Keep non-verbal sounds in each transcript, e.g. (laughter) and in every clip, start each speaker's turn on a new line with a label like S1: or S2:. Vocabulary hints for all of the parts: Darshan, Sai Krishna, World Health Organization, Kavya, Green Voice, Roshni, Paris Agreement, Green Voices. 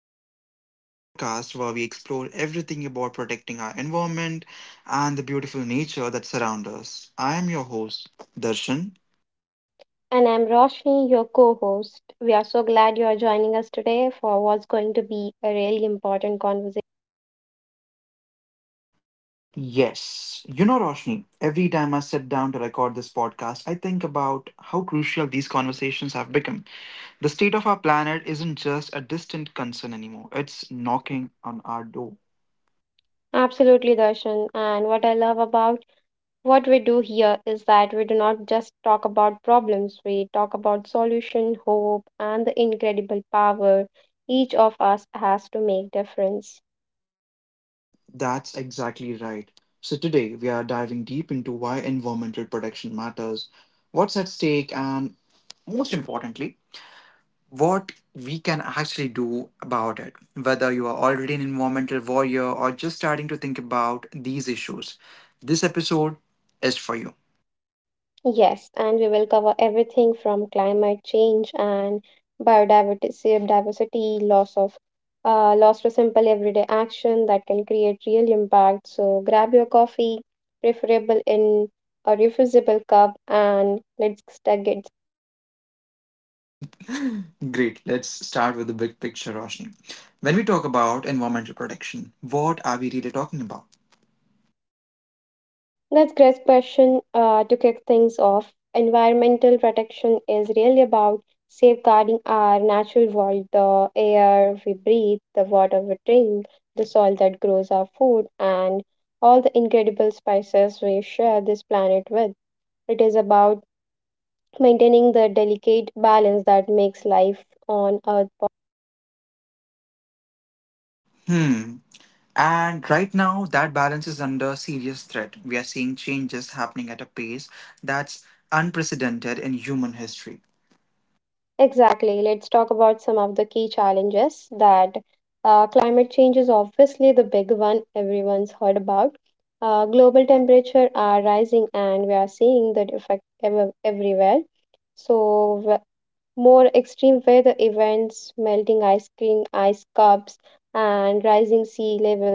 S1: Voices, the podcast where we explore everything about protecting our environment and the beautiful nature that surrounds us. I am your host, Darshan.
S2: And I'm Roshni, your co host. We are so glad you are joining us today for what's going to be a really important conversation.
S1: Yes, Roshni, every time I sit down to record this podcast, I think about how crucial these conversations have become. The state of our planet isn't just a distant concern anymore, it's knocking on our door.
S2: Absolutely, Darshan. And what I love about what we do here is that we do not just talk about problems, we talk about solution, hope, and the incredible power each of us has to make difference.
S1: That's exactly right. So, today we are diving deep into why environmental protection matters, what's at stake, and most importantly, what we can actually do about it. Whether you are already an environmental warrior or just starting to think about these issues, this episode is for you.
S2: Yes, and we will cover everything from climate change and biodiversity, loss of loss to simple everyday action that can create real impact. So grab your coffee, preferable in a refillable cup, and let's get.
S1: (laughs) Great. Let's start with the big picture, Roshni. When we talk about environmental protection, what are we really talking about?
S2: That's great question to kick things off. Environmental protection is really about safeguarding our natural world, the air we breathe, the water we drink, the soil that grows our food, and all the incredible spices we share this planet with. It is about maintaining the delicate balance that makes life on Earth.
S1: Hmm. And right now, that balance is under serious threat. We are seeing changes happening at a pace that's unprecedented in human history.
S2: Exactly. Let's talk about some of the key challenges that. Climate change is obviously the big one everyone's heard about. Global temperature are rising and we are seeing that effect everywhere. So w- More extreme weather events, melting ice cream, ice cups, and rising sea levels.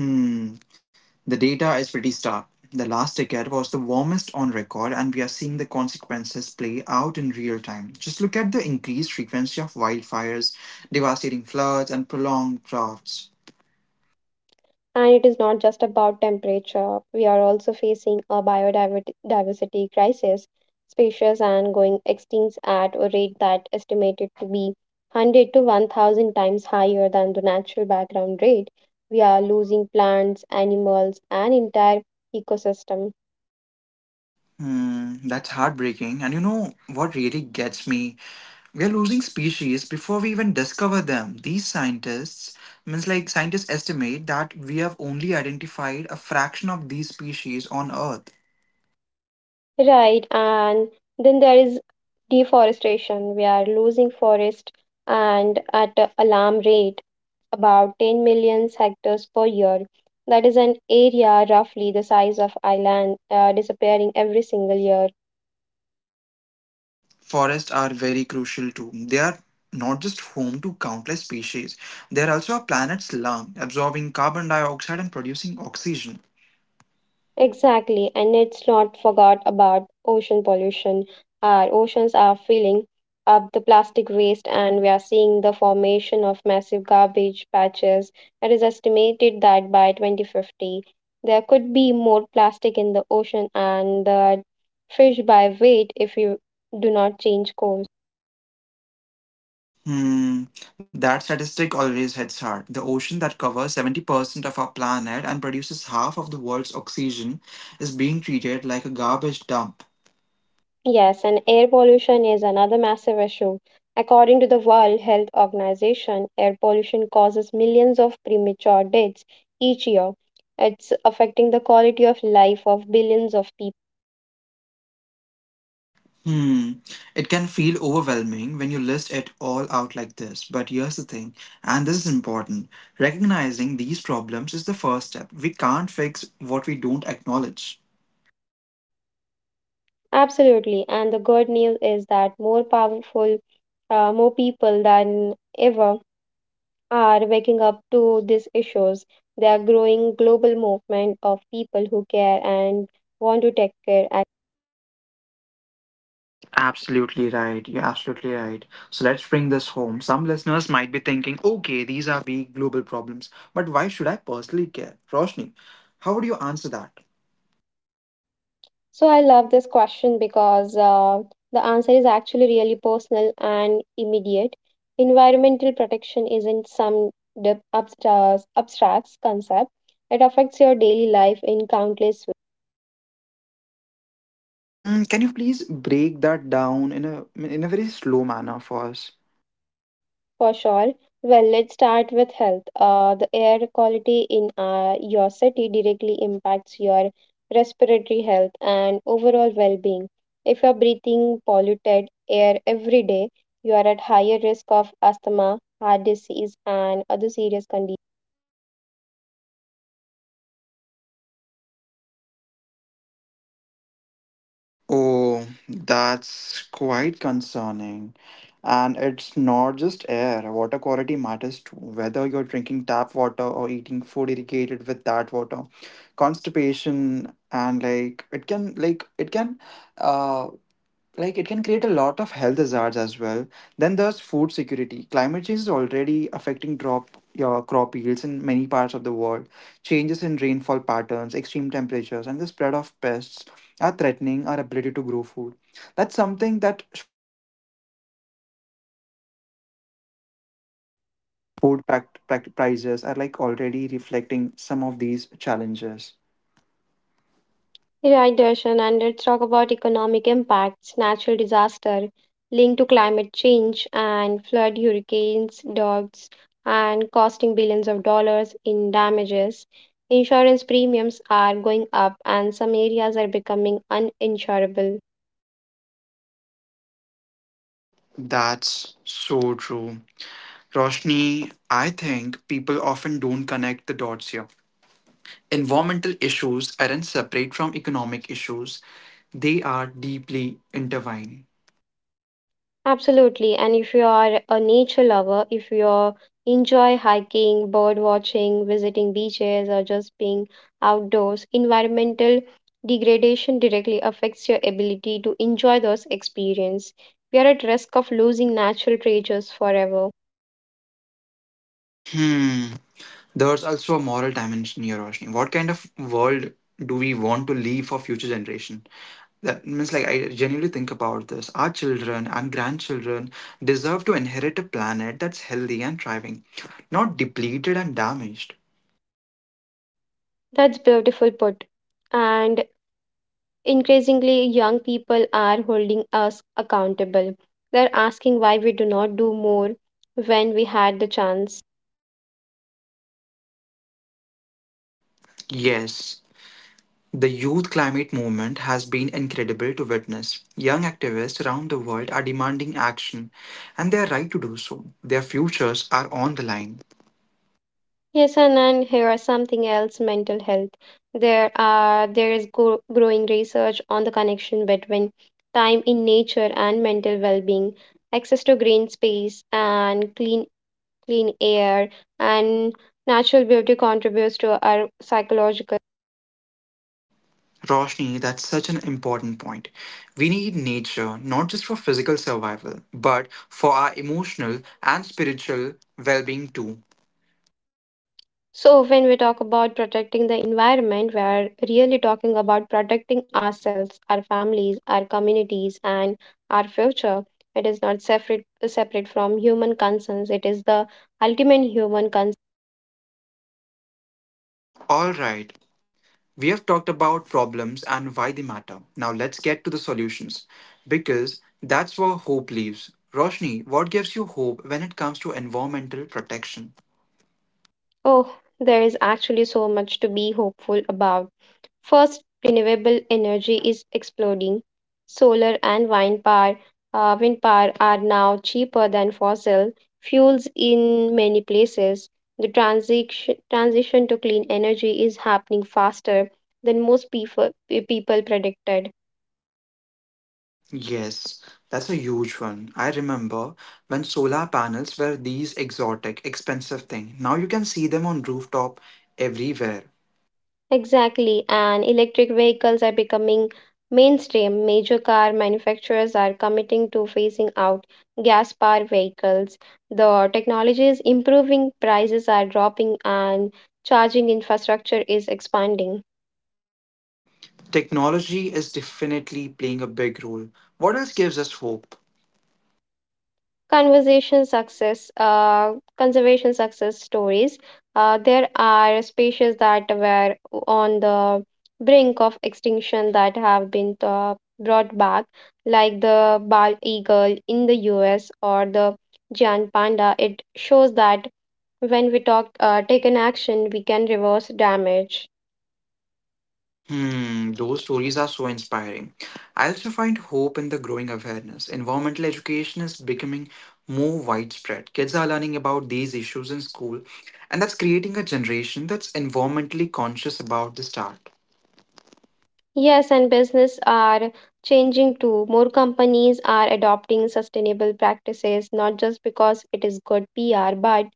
S1: Hmm, the data is pretty stark. The last decade was the warmest on record, and we are seeing the consequences play out in real time. Just look at the increased frequency of wildfires, devastating floods, and prolonged droughts.
S2: And it is not just about temperature. We are also facing a biodiversity crisis. Species are going extinct at a rate that estimated to be 100 to 1,000 times higher than the natural background rate. We are losing plants, animals, and entire ecosystem.
S1: Hmm, that's heartbreaking. And you know what really gets me? We are losing species before we even discover them. These scientists means like Scientists estimate that we have only identified a fraction of these species on earth.
S2: Right, and then there is deforestation. We are losing forest and at an alarm rate about 10 million hectares per year. That is an area roughly the size of Ireland, disappearing every single year.
S1: Forests are very crucial too, they are not just home to countless species, they are also a planet's lung, absorbing carbon dioxide and producing oxygen.
S2: Exactly, and it's not forgot about ocean pollution. Our oceans are filling up the plastic waste, and we are seeing the formation of massive garbage patches. It is estimated that by 2050, there could be more plastic in the ocean and the fish by weight if you do not change course.
S1: Hmm, that statistic always hits hard. The ocean that covers 70% of our planet and produces half of the world's oxygen is being treated like a garbage dump.
S2: Yes, and air pollution is another massive issue. According to the World Health Organization, air pollution causes millions of premature deaths each year. It's affecting the quality of life of billions of people.
S1: Hmm. It can feel overwhelming when you list it all out like this. But here's the thing, and this is important, recognizing these problems is the first step. We can't fix what we don't acknowledge.
S2: Absolutely, and the good news is that more more people than ever are waking up to these issues. They are growing global movement of people who care and want to take care.
S1: Absolutely right. You're absolutely right. So let's bring this home. Some listeners might be thinking, okay, these are big global problems, but why should I personally care? Roshni, how would you answer that?
S2: So I love this question because the answer is actually really personal and immediate. Environmental protection isn't some abstract concept. It affects your daily life in countless.
S1: Hmm, can you please break that down in a very slow manner for us?
S2: For sure. Well, let's start with health. The air quality in your city directly impacts your respiratory health and overall well being. If you're breathing polluted air every day, you are at higher risk of asthma, heart disease, and other serious conditions.
S1: Oh, that's quite concerning. And it's not just air. Water quality matters too. Whether you're drinking tap water or eating food irrigated with that water, constipation and like it can like it can uh like it can create a lot of health hazards as well. Then there's food security. Climate change is already affecting drop your crop yields in many parts of the world. Changes in rainfall patterns, extreme temperatures, and the spread of pests are threatening our ability to grow food. That's something that
S3: Pract prices are like already reflecting some of these challenges.
S2: Right, Darshan, and let's talk about economic impacts, natural disaster linked to climate change and flood, hurricanes, droughts, and costing billions of dollars in damages. Insurance premiums are going up, and some areas are becoming uninsurable.
S3: That's so true. Roshni, I think people often don't connect the dots here. Environmental issues aren't separate from economic issues, they are deeply intertwined.
S2: Absolutely. And if you are a nature lover, if you enjoy hiking, bird watching, visiting beaches, or just being outdoors, environmental degradation directly affects your ability to enjoy those experiences. We are at risk of losing natural treasures forever.
S3: Hmm. There's also a moral dimension here, Roshni. What kind of world do we want to leave for future generation? That means like I genuinely think about this. Our children and grandchildren deserve to inherit a planet that's healthy and thriving, not depleted and damaged.
S2: That's beautiful put. And increasingly, young people are holding us accountable. They're asking why we do not do more when we had the chance.
S3: Yes, the youth climate movement has been incredible to witness. Young activists around the world are demanding action, and they are right to do so. Their futures are on the line.
S2: Yes, and here are something else: mental health. There is growing research on the connection between time in nature and mental well-being. Access to green space and clean air and natural beauty contributes to our psychological.
S3: Roshni, that's such an important point. We need nature not just for physical survival, but for our emotional and spiritual well being too.
S2: So, when we talk about protecting the environment, we are really talking about protecting ourselves, our families, our communities, and our future. It is not separate from human concerns. It is the ultimate human concern.
S3: All right, we have talked about problems and why they matter. Now let's get to the solutions because that's where hope lives. Roshni, what gives you hope when it comes to environmental protection?
S2: Oh, there is actually so much to be hopeful about. First, renewable energy is exploding. Solar and wind power are now cheaper than fossil fuels in many places. The transition to clean energy is happening faster than most people predicted.
S3: Yes, that's a huge one. I remember when solar panels were these exotic, expensive thing. Now you can see them on rooftop everywhere.
S2: Exactly, and electric vehicles are becoming mainstream. Major car manufacturers are committing to phasing out gas powered vehicles. The technology is improving, prices are dropping, and charging infrastructure is expanding.
S3: Technology is definitely playing a big role. What else gives us hope?
S2: Conversation success Conservation success stories. There are species that were on the brink of extinction that have been brought back, like the bald eagle in the US or the giant panda. It shows that when we talk take an action we can reverse damage.
S3: Hmm, those stories are so inspiring. I also find hope in the growing awareness. Environmental education is becoming more widespread. Kids are learning about these issues in school, and that's creating a generation that's environmentally conscious about the start.
S2: Yes, and business are changing too. More companies are adopting sustainable practices, not just because it is good PR, but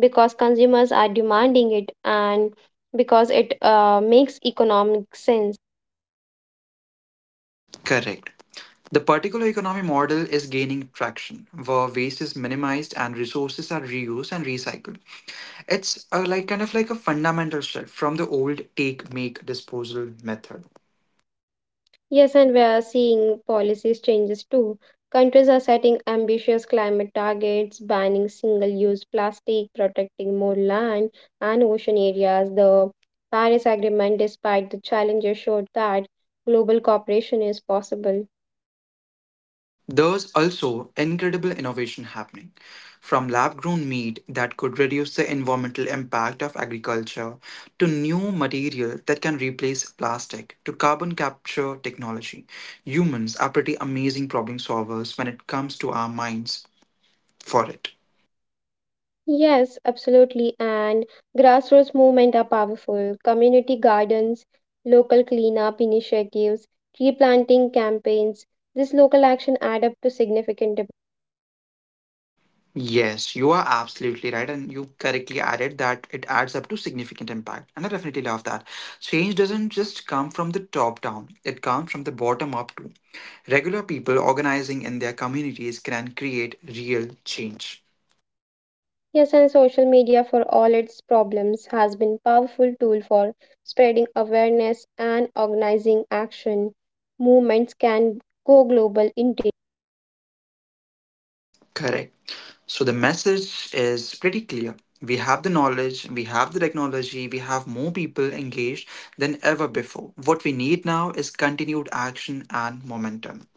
S2: because consumers are demanding it and because it makes economic sense.
S3: Correct. The particular economy model is gaining traction, where waste is minimized and resources are reused and recycled. It's a, like kind of like a fundamental shift from the old take, make, disposal method.
S2: Yes, and we are seeing policies changes too. Countries are setting ambitious climate targets, banning single-use plastic, protecting more land and ocean areas. The Paris Agreement, despite the challenges, showed that global cooperation is possible.
S3: There's also incredible innovation happening, from lab grown meat that could reduce the environmental impact of agriculture, to new material that can replace plastic, to carbon capture technology. Humans are pretty amazing problem solvers when it comes to our minds for it.
S2: Yes, absolutely. And grassroots movement are powerful. Community gardens, local cleanup initiatives, tree planting campaigns. This local action add up to significant.
S3: Yes, you are absolutely right, and you correctly added that it adds up to significant impact. And I definitely love that. Change doesn't just come from the top down, it comes from the bottom up too. Regular people organizing in their communities can create real change.
S2: Yes, and social media, for all its problems, has been powerful tool for spreading awareness and organizing action. Movements can go global in.
S3: Correct. So the message is pretty clear. We have the knowledge, we have the technology, we have more people engaged than ever before. What we need now is continued action and momentum.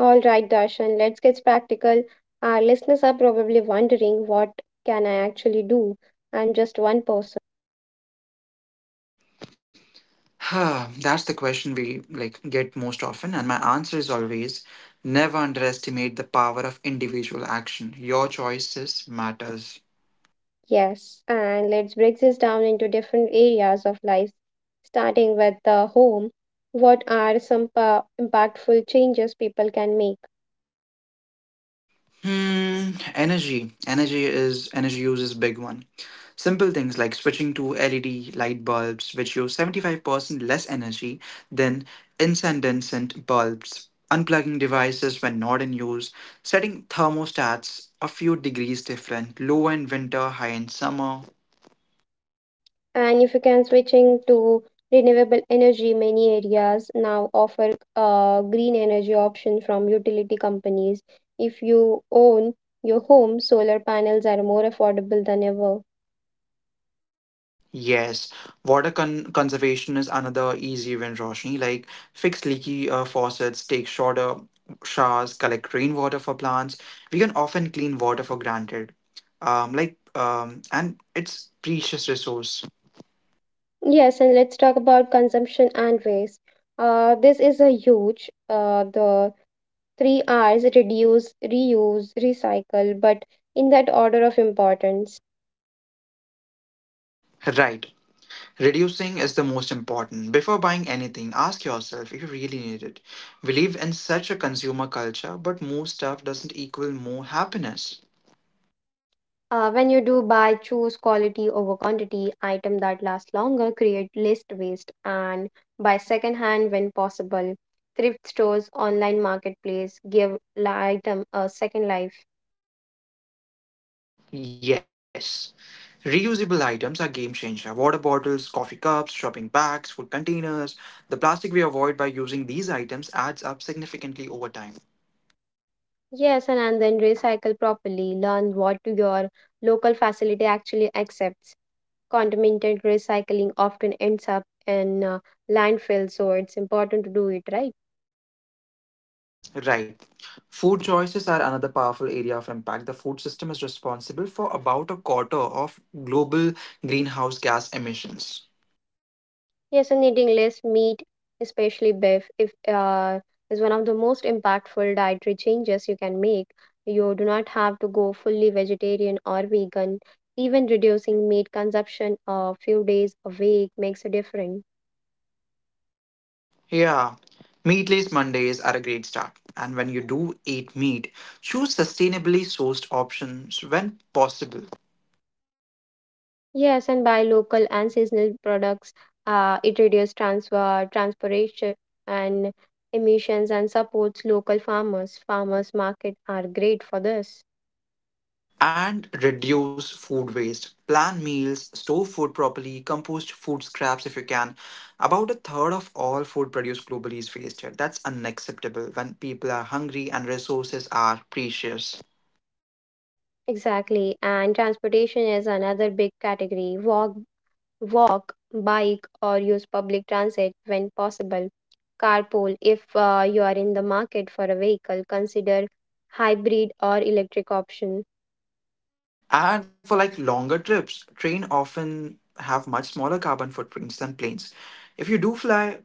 S2: All right, Darshan, let's get practical. Our listeners are probably wondering what can I actually do? I'm just one person.
S3: (sighs) That's the question we like get most often, and my answer is always never underestimate the power of individual action. Your choices matters.
S2: Yes, and let's break this down into different areas of life, starting with the home. What are some impactful changes people can make?
S3: Hmm, energy. Energy is energy use is big one. Simple things like switching to LED light bulbs, which use 75% less energy than incandescent bulbs. Unplugging devices when not in use, setting thermostats a few degrees different, low in winter, high in summer.
S2: And if you can, switching to renewable energy, many areas now offer green energy option from utility companies. If you own your home, solar panels are more affordable than ever.
S3: Yes, water conservation is another easy win, Roshni. Like fix leaky faucets, take shorter showers, collect rainwater for plants. We can often clean water for granted. And it's precious resource.
S2: Yes, and let's talk about consumption and waste. This is a huge. The three r's: reduce, reuse, recycle, but in that order of importance.
S3: Right. Reducing is the most important. Before buying anything, ask yourself if you really need it. We live in such a consumer culture, but more stuff doesn't equal more happiness.
S2: When you do buy, choose quality over quantity. Item that last longer, create list waste, and buy secondhand when possible. Thrift stores, online marketplace, give item a second life.
S3: Yes. Reusable items are game changer. Water bottles, coffee cups, shopping bags, food containers. The plastic we avoid by using these items adds up significantly over time.
S2: Yes, and then recycle properly. Learn what to your local facility actually accepts. Contaminated recycling often ends up in landfill, so it's important to do it right.
S3: Right. Food choices are another powerful area of impact. The food system is responsible for about a quarter of global greenhouse gas emissions.
S2: Yes, and eating less meat, especially beef, if is one of the most impactful dietary changes you can make. You do not have to go fully vegetarian or vegan. Even reducing meat consumption a few days a week makes a difference.
S3: Yeah. Meatless Mondays are a great start. And when you do eat meat, choose sustainably sourced options when possible.
S2: Yes, and buy local and seasonal products. It reduces transportation, and emissions and supports local farmers. Farmers market are great for this.
S3: And reduce food waste. Plan meals, store food properly, compost food scraps if you can. About a third of all food produced globally is wasted. That's unacceptable when people are hungry and resources are precious.
S2: Exactly. And transportation is another big category. Walk, bike, or use public transit when possible. Carpool, if you are in the market for a vehicle, consider hybrid or electric option.
S3: And for like longer trips, train often have much smaller carbon footprints than planes. If you do fly,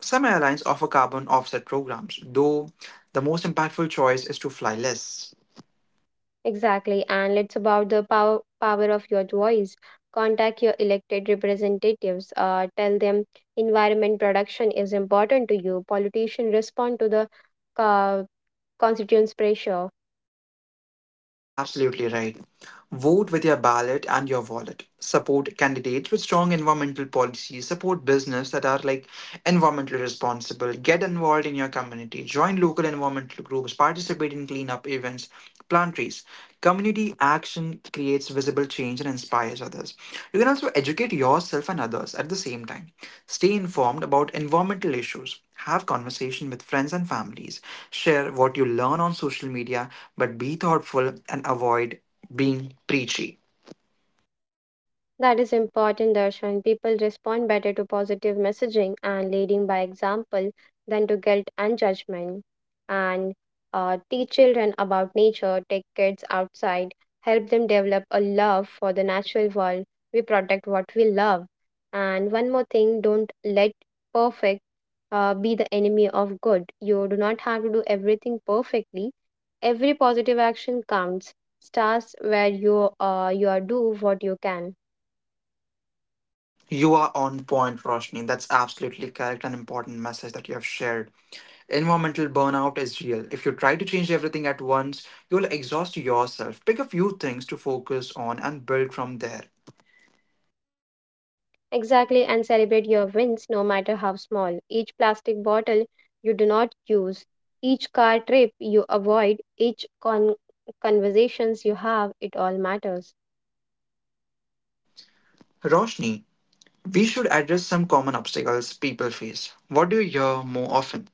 S3: some airlines offer carbon offset programs, though the most impactful choice is to fly less.
S2: Exactly. And it's about the power of your voice. Contact your elected representatives. Tell them environment production is important to you. Politicians respond to the constituents' pressure.
S3: Absolutely right. Vote with your ballot and your wallet. Support candidates with strong environmental policies. Support business that are like environmentally responsible, get involved in your community, join local environmental groups, participate in cleanup events, plant trees. Community action creates visible change and inspires others. You can also educate yourself and others at the same time. Stay informed about environmental issues. Have conversation with friends and families. Share what you learn on social media, but be thoughtful and avoid being preachy.
S2: That is important, Darshan. People respond better to positive messaging and leading by example than to guilt and judgment. And teach children about nature, take kids outside, help them develop a love for the natural world. We protect what we love. And one more thing: don't let perfect be the enemy of good. You do not have to do everything perfectly. Every positive action counts. Starts where you are, do what you can.
S3: You are on point, Roshni. That's absolutely correct and important message that you have shared. Environmental burnout is real. If you try to change everything at once, you'll exhaust yourself. Pick a few things to focus on and build from there.
S2: Exactly, and celebrate your wins no matter how small. Each plastic bottle you do not use, each car trip you avoid, each conversations you have, it all matters.
S3: Roshni, we should address some common obstacles people face. What do you hear more often?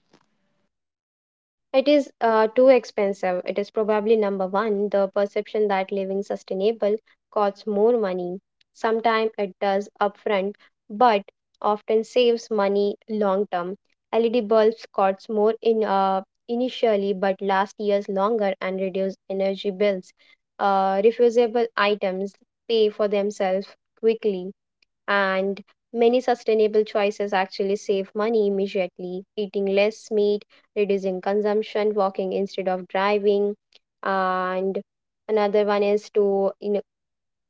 S2: It is too expensive. It is probably number one, the perception that living sustainable costs more money. Sometimes it does upfront, but often saves money long term. LED bulbs costs more in initially, but last years longer and reduce energy bills. Refusable items pay for themselves quickly, and many sustainable choices actually save money immediately: eating less meat, reducing consumption, walking instead of driving. And another one is to, you know,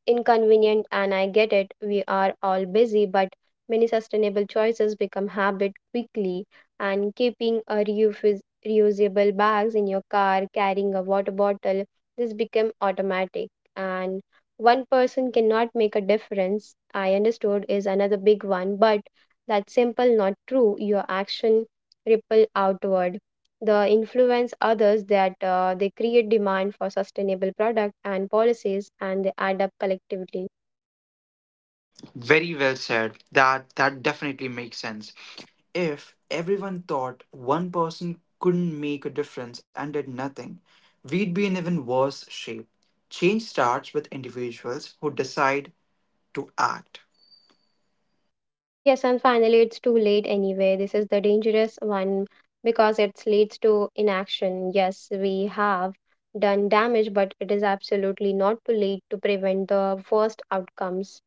S2: inconvenient, and I get it. We are all busy, but many sustainable choices become habit quickly, and keeping a reusable bags in your car, carrying a water bottle, this become automatic. And one person cannot make a difference, I understood, is another big one, but that's simple not true. Your action ripple outward, the influence others, that they create demand for sustainable product and policies, and they add up collectively.
S3: Very well said. That definitely makes sense. If everyone thought one person couldn't make a difference and did nothing, we'd be in even worse shape. Change starts with individuals who decide to act.
S2: Yes, and finally, it's too late anyway. This is the dangerous one because it leads to inaction. Yes, we have done damage, but it is absolutely not too late to prevent the worst outcomes.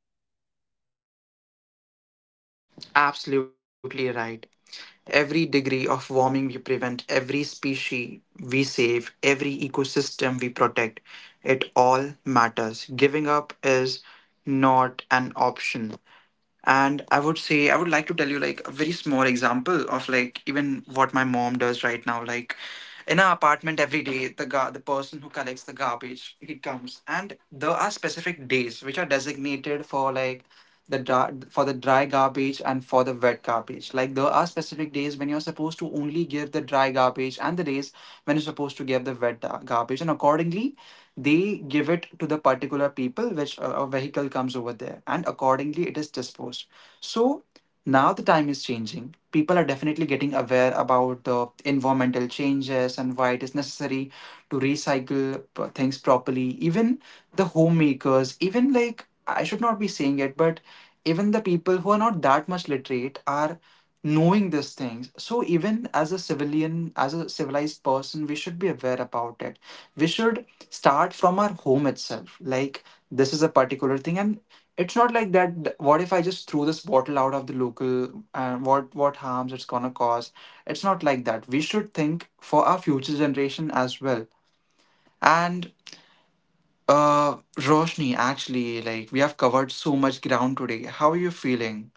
S3: Absolutely right. Every degree of warming we prevent, every species we save, every ecosystem we protect, it all matters. Giving up is not an option. And I would say, I would like to tell you like a very small example of like even what my mom does right now. Like in our apartment every day, the person who collects the garbage, he comes and there are specific days which are designated for like the dry, for the dry garbage and for the wet garbage, like there are specific days when you're supposed to only give the dry garbage and the days when you're supposed to give the wet garbage, and accordingly they give it to the particular people which a vehicle comes over there and accordingly it is disposed. So now the time is changing, people are definitely getting aware about the environmental changes and why it is necessary to recycle things properly. Even the homemakers, even like I should not be saying it, but even the people who are not that much literate are knowing these things. So even as a civilian, as a civilized person, we should be aware about it. We should start from our home itself. Like this is a particular thing, and it's not like that what if I just threw this bottle out of the local and what harms it's gonna cause. It's not like that. We should think for our future generation as well. And uh Roshni, actually like we have covered so much ground today, how are you feeling?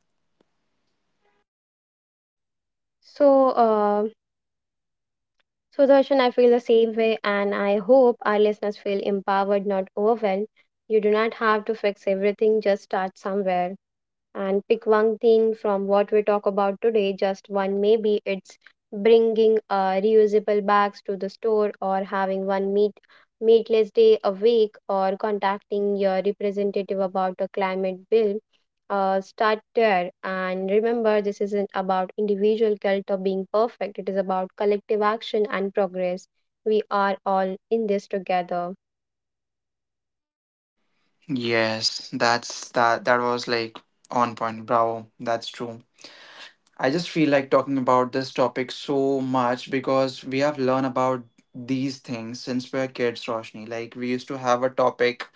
S2: So so Darshan, I feel the same way, and I hope our listeners feel empowered, not overwhelmed. You do not have to fix everything, just start somewhere and pick one thing from what we talk about today, just one. Maybe it's bringing reusable bags to the store, or having one meatless day a week, or contacting your representative about a climate bill. Start there, and remember, this isn't about individual guilt or being perfect. It is about collective action and progress. We are all in this together.
S3: Yes, that's that was like on point. Bravo. That's true. I just feel like talking about this topic so much because we have learned about these things since we are kids, Roshni. Like we used to have a topic.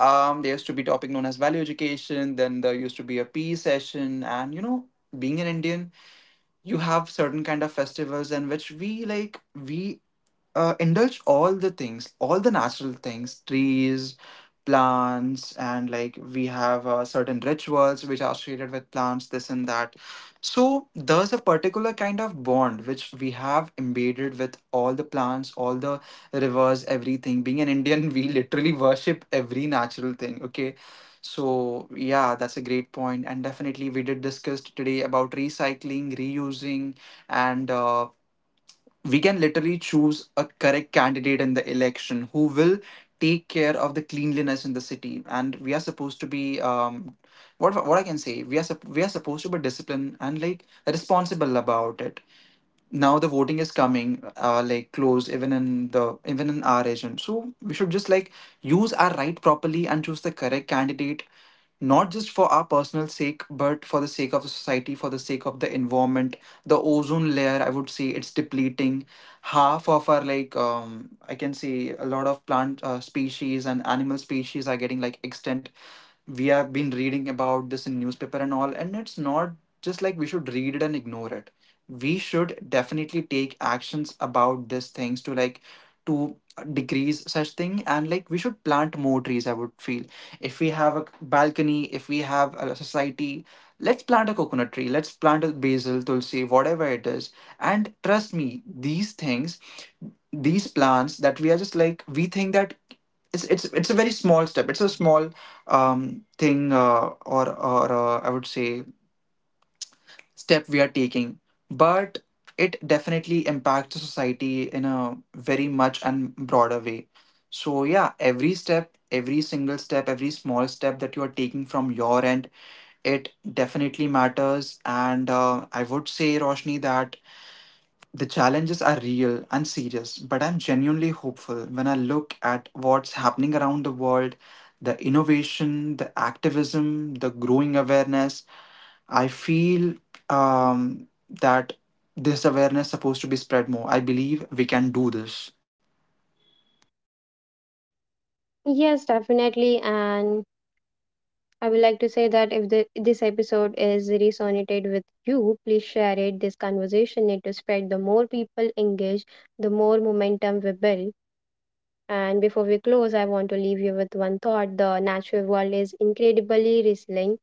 S3: There used to be topic known as value education, then there used to be a PE session, and you know, being an Indian, you have certain kind of festivals in which we indulge all the things, all the natural things, trees, plants, and like we have certain rituals which are associated with plants, this and that. So there's a particular kind of bond which we have embedded with all the plants, all the rivers, everything. Being an Indian, (laughs) we literally worship every natural thing. Okay. So yeah, that's a great point, and definitely we did discuss today about recycling, reusing, and we can literally choose a correct candidate in the election who will take care of the cleanliness in the city. And we are supposed to be what I can say we we are supposed to be disciplined and like responsible about it. Now the voting is coming, like close even in the even in our region, so we should just like use our right properly and choose the correct candidate, not just for our personal sake, but for the sake of the society, for the sake of the environment. The ozone layer, I would say, it's depleting. Half of our like, I can say a lot of plant species and animal species are getting like extinct. We have been reading about this in newspaper and all, and it's not just like we should read it and ignore it. We should definitely take actions about these things to to decrease such thing. And like we should plant more trees, I would feel. If we have a balcony, if we have a society, let's plant a coconut tree, let's plant a basil tulsi, whatever it is. And trust me, these things, these plans that we are just like we think that it's a very small step. It's a small thing, or I would say step we are taking, but it definitely impacts the society in a very much and broader way. So yeah, every step, every single step, every small step that you are taking from your end, it definitely matters. And I would say, Roshni, that the challenges are real and serious, but I'm genuinely hopeful when I look at what's happening around the world, the innovation, the activism, the growing awareness. I feel um, that this awareness supposed to be spread more. I believe we can do this.
S2: Yes, definitely. And I would like to say that if the, this episode is resonated with you, please share it. This conversation need to spread. The more people engage, the more momentum we build. And before we close, I want to leave you with one thought. The natural world is incredibly resilient.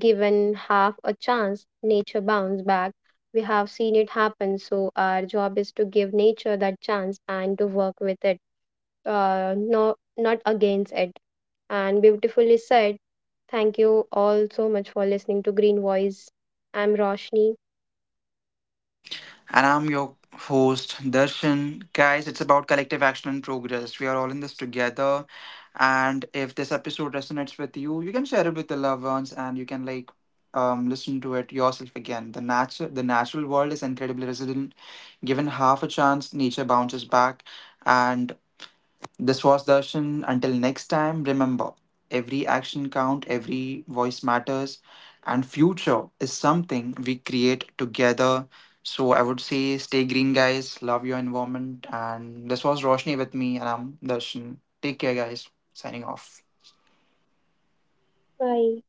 S2: Given half a chance, nature bounce back. We have seen it happen. So our job is to give nature that chance and to work with it, no, not against it. And beautifully said. Thank you all so much for listening to Green Voice. I'm Roshni.
S3: And I'm your host, Darshan. Guys, it's about collective action and progress. We are all in this together. And if this episode resonates with you, you can share it with the loved ones, and you can like listen to it yourself again. The natural world is incredibly resilient. Given half a chance, nature bounces back. And this was Darshan. Until next time, remember every action count, every voice matters, and future is something we create together. So I would say stay green, guys. Love your environment. And this was Roshni with me, and I'm Darshan. Take care, guys. Signing off.
S2: Bye.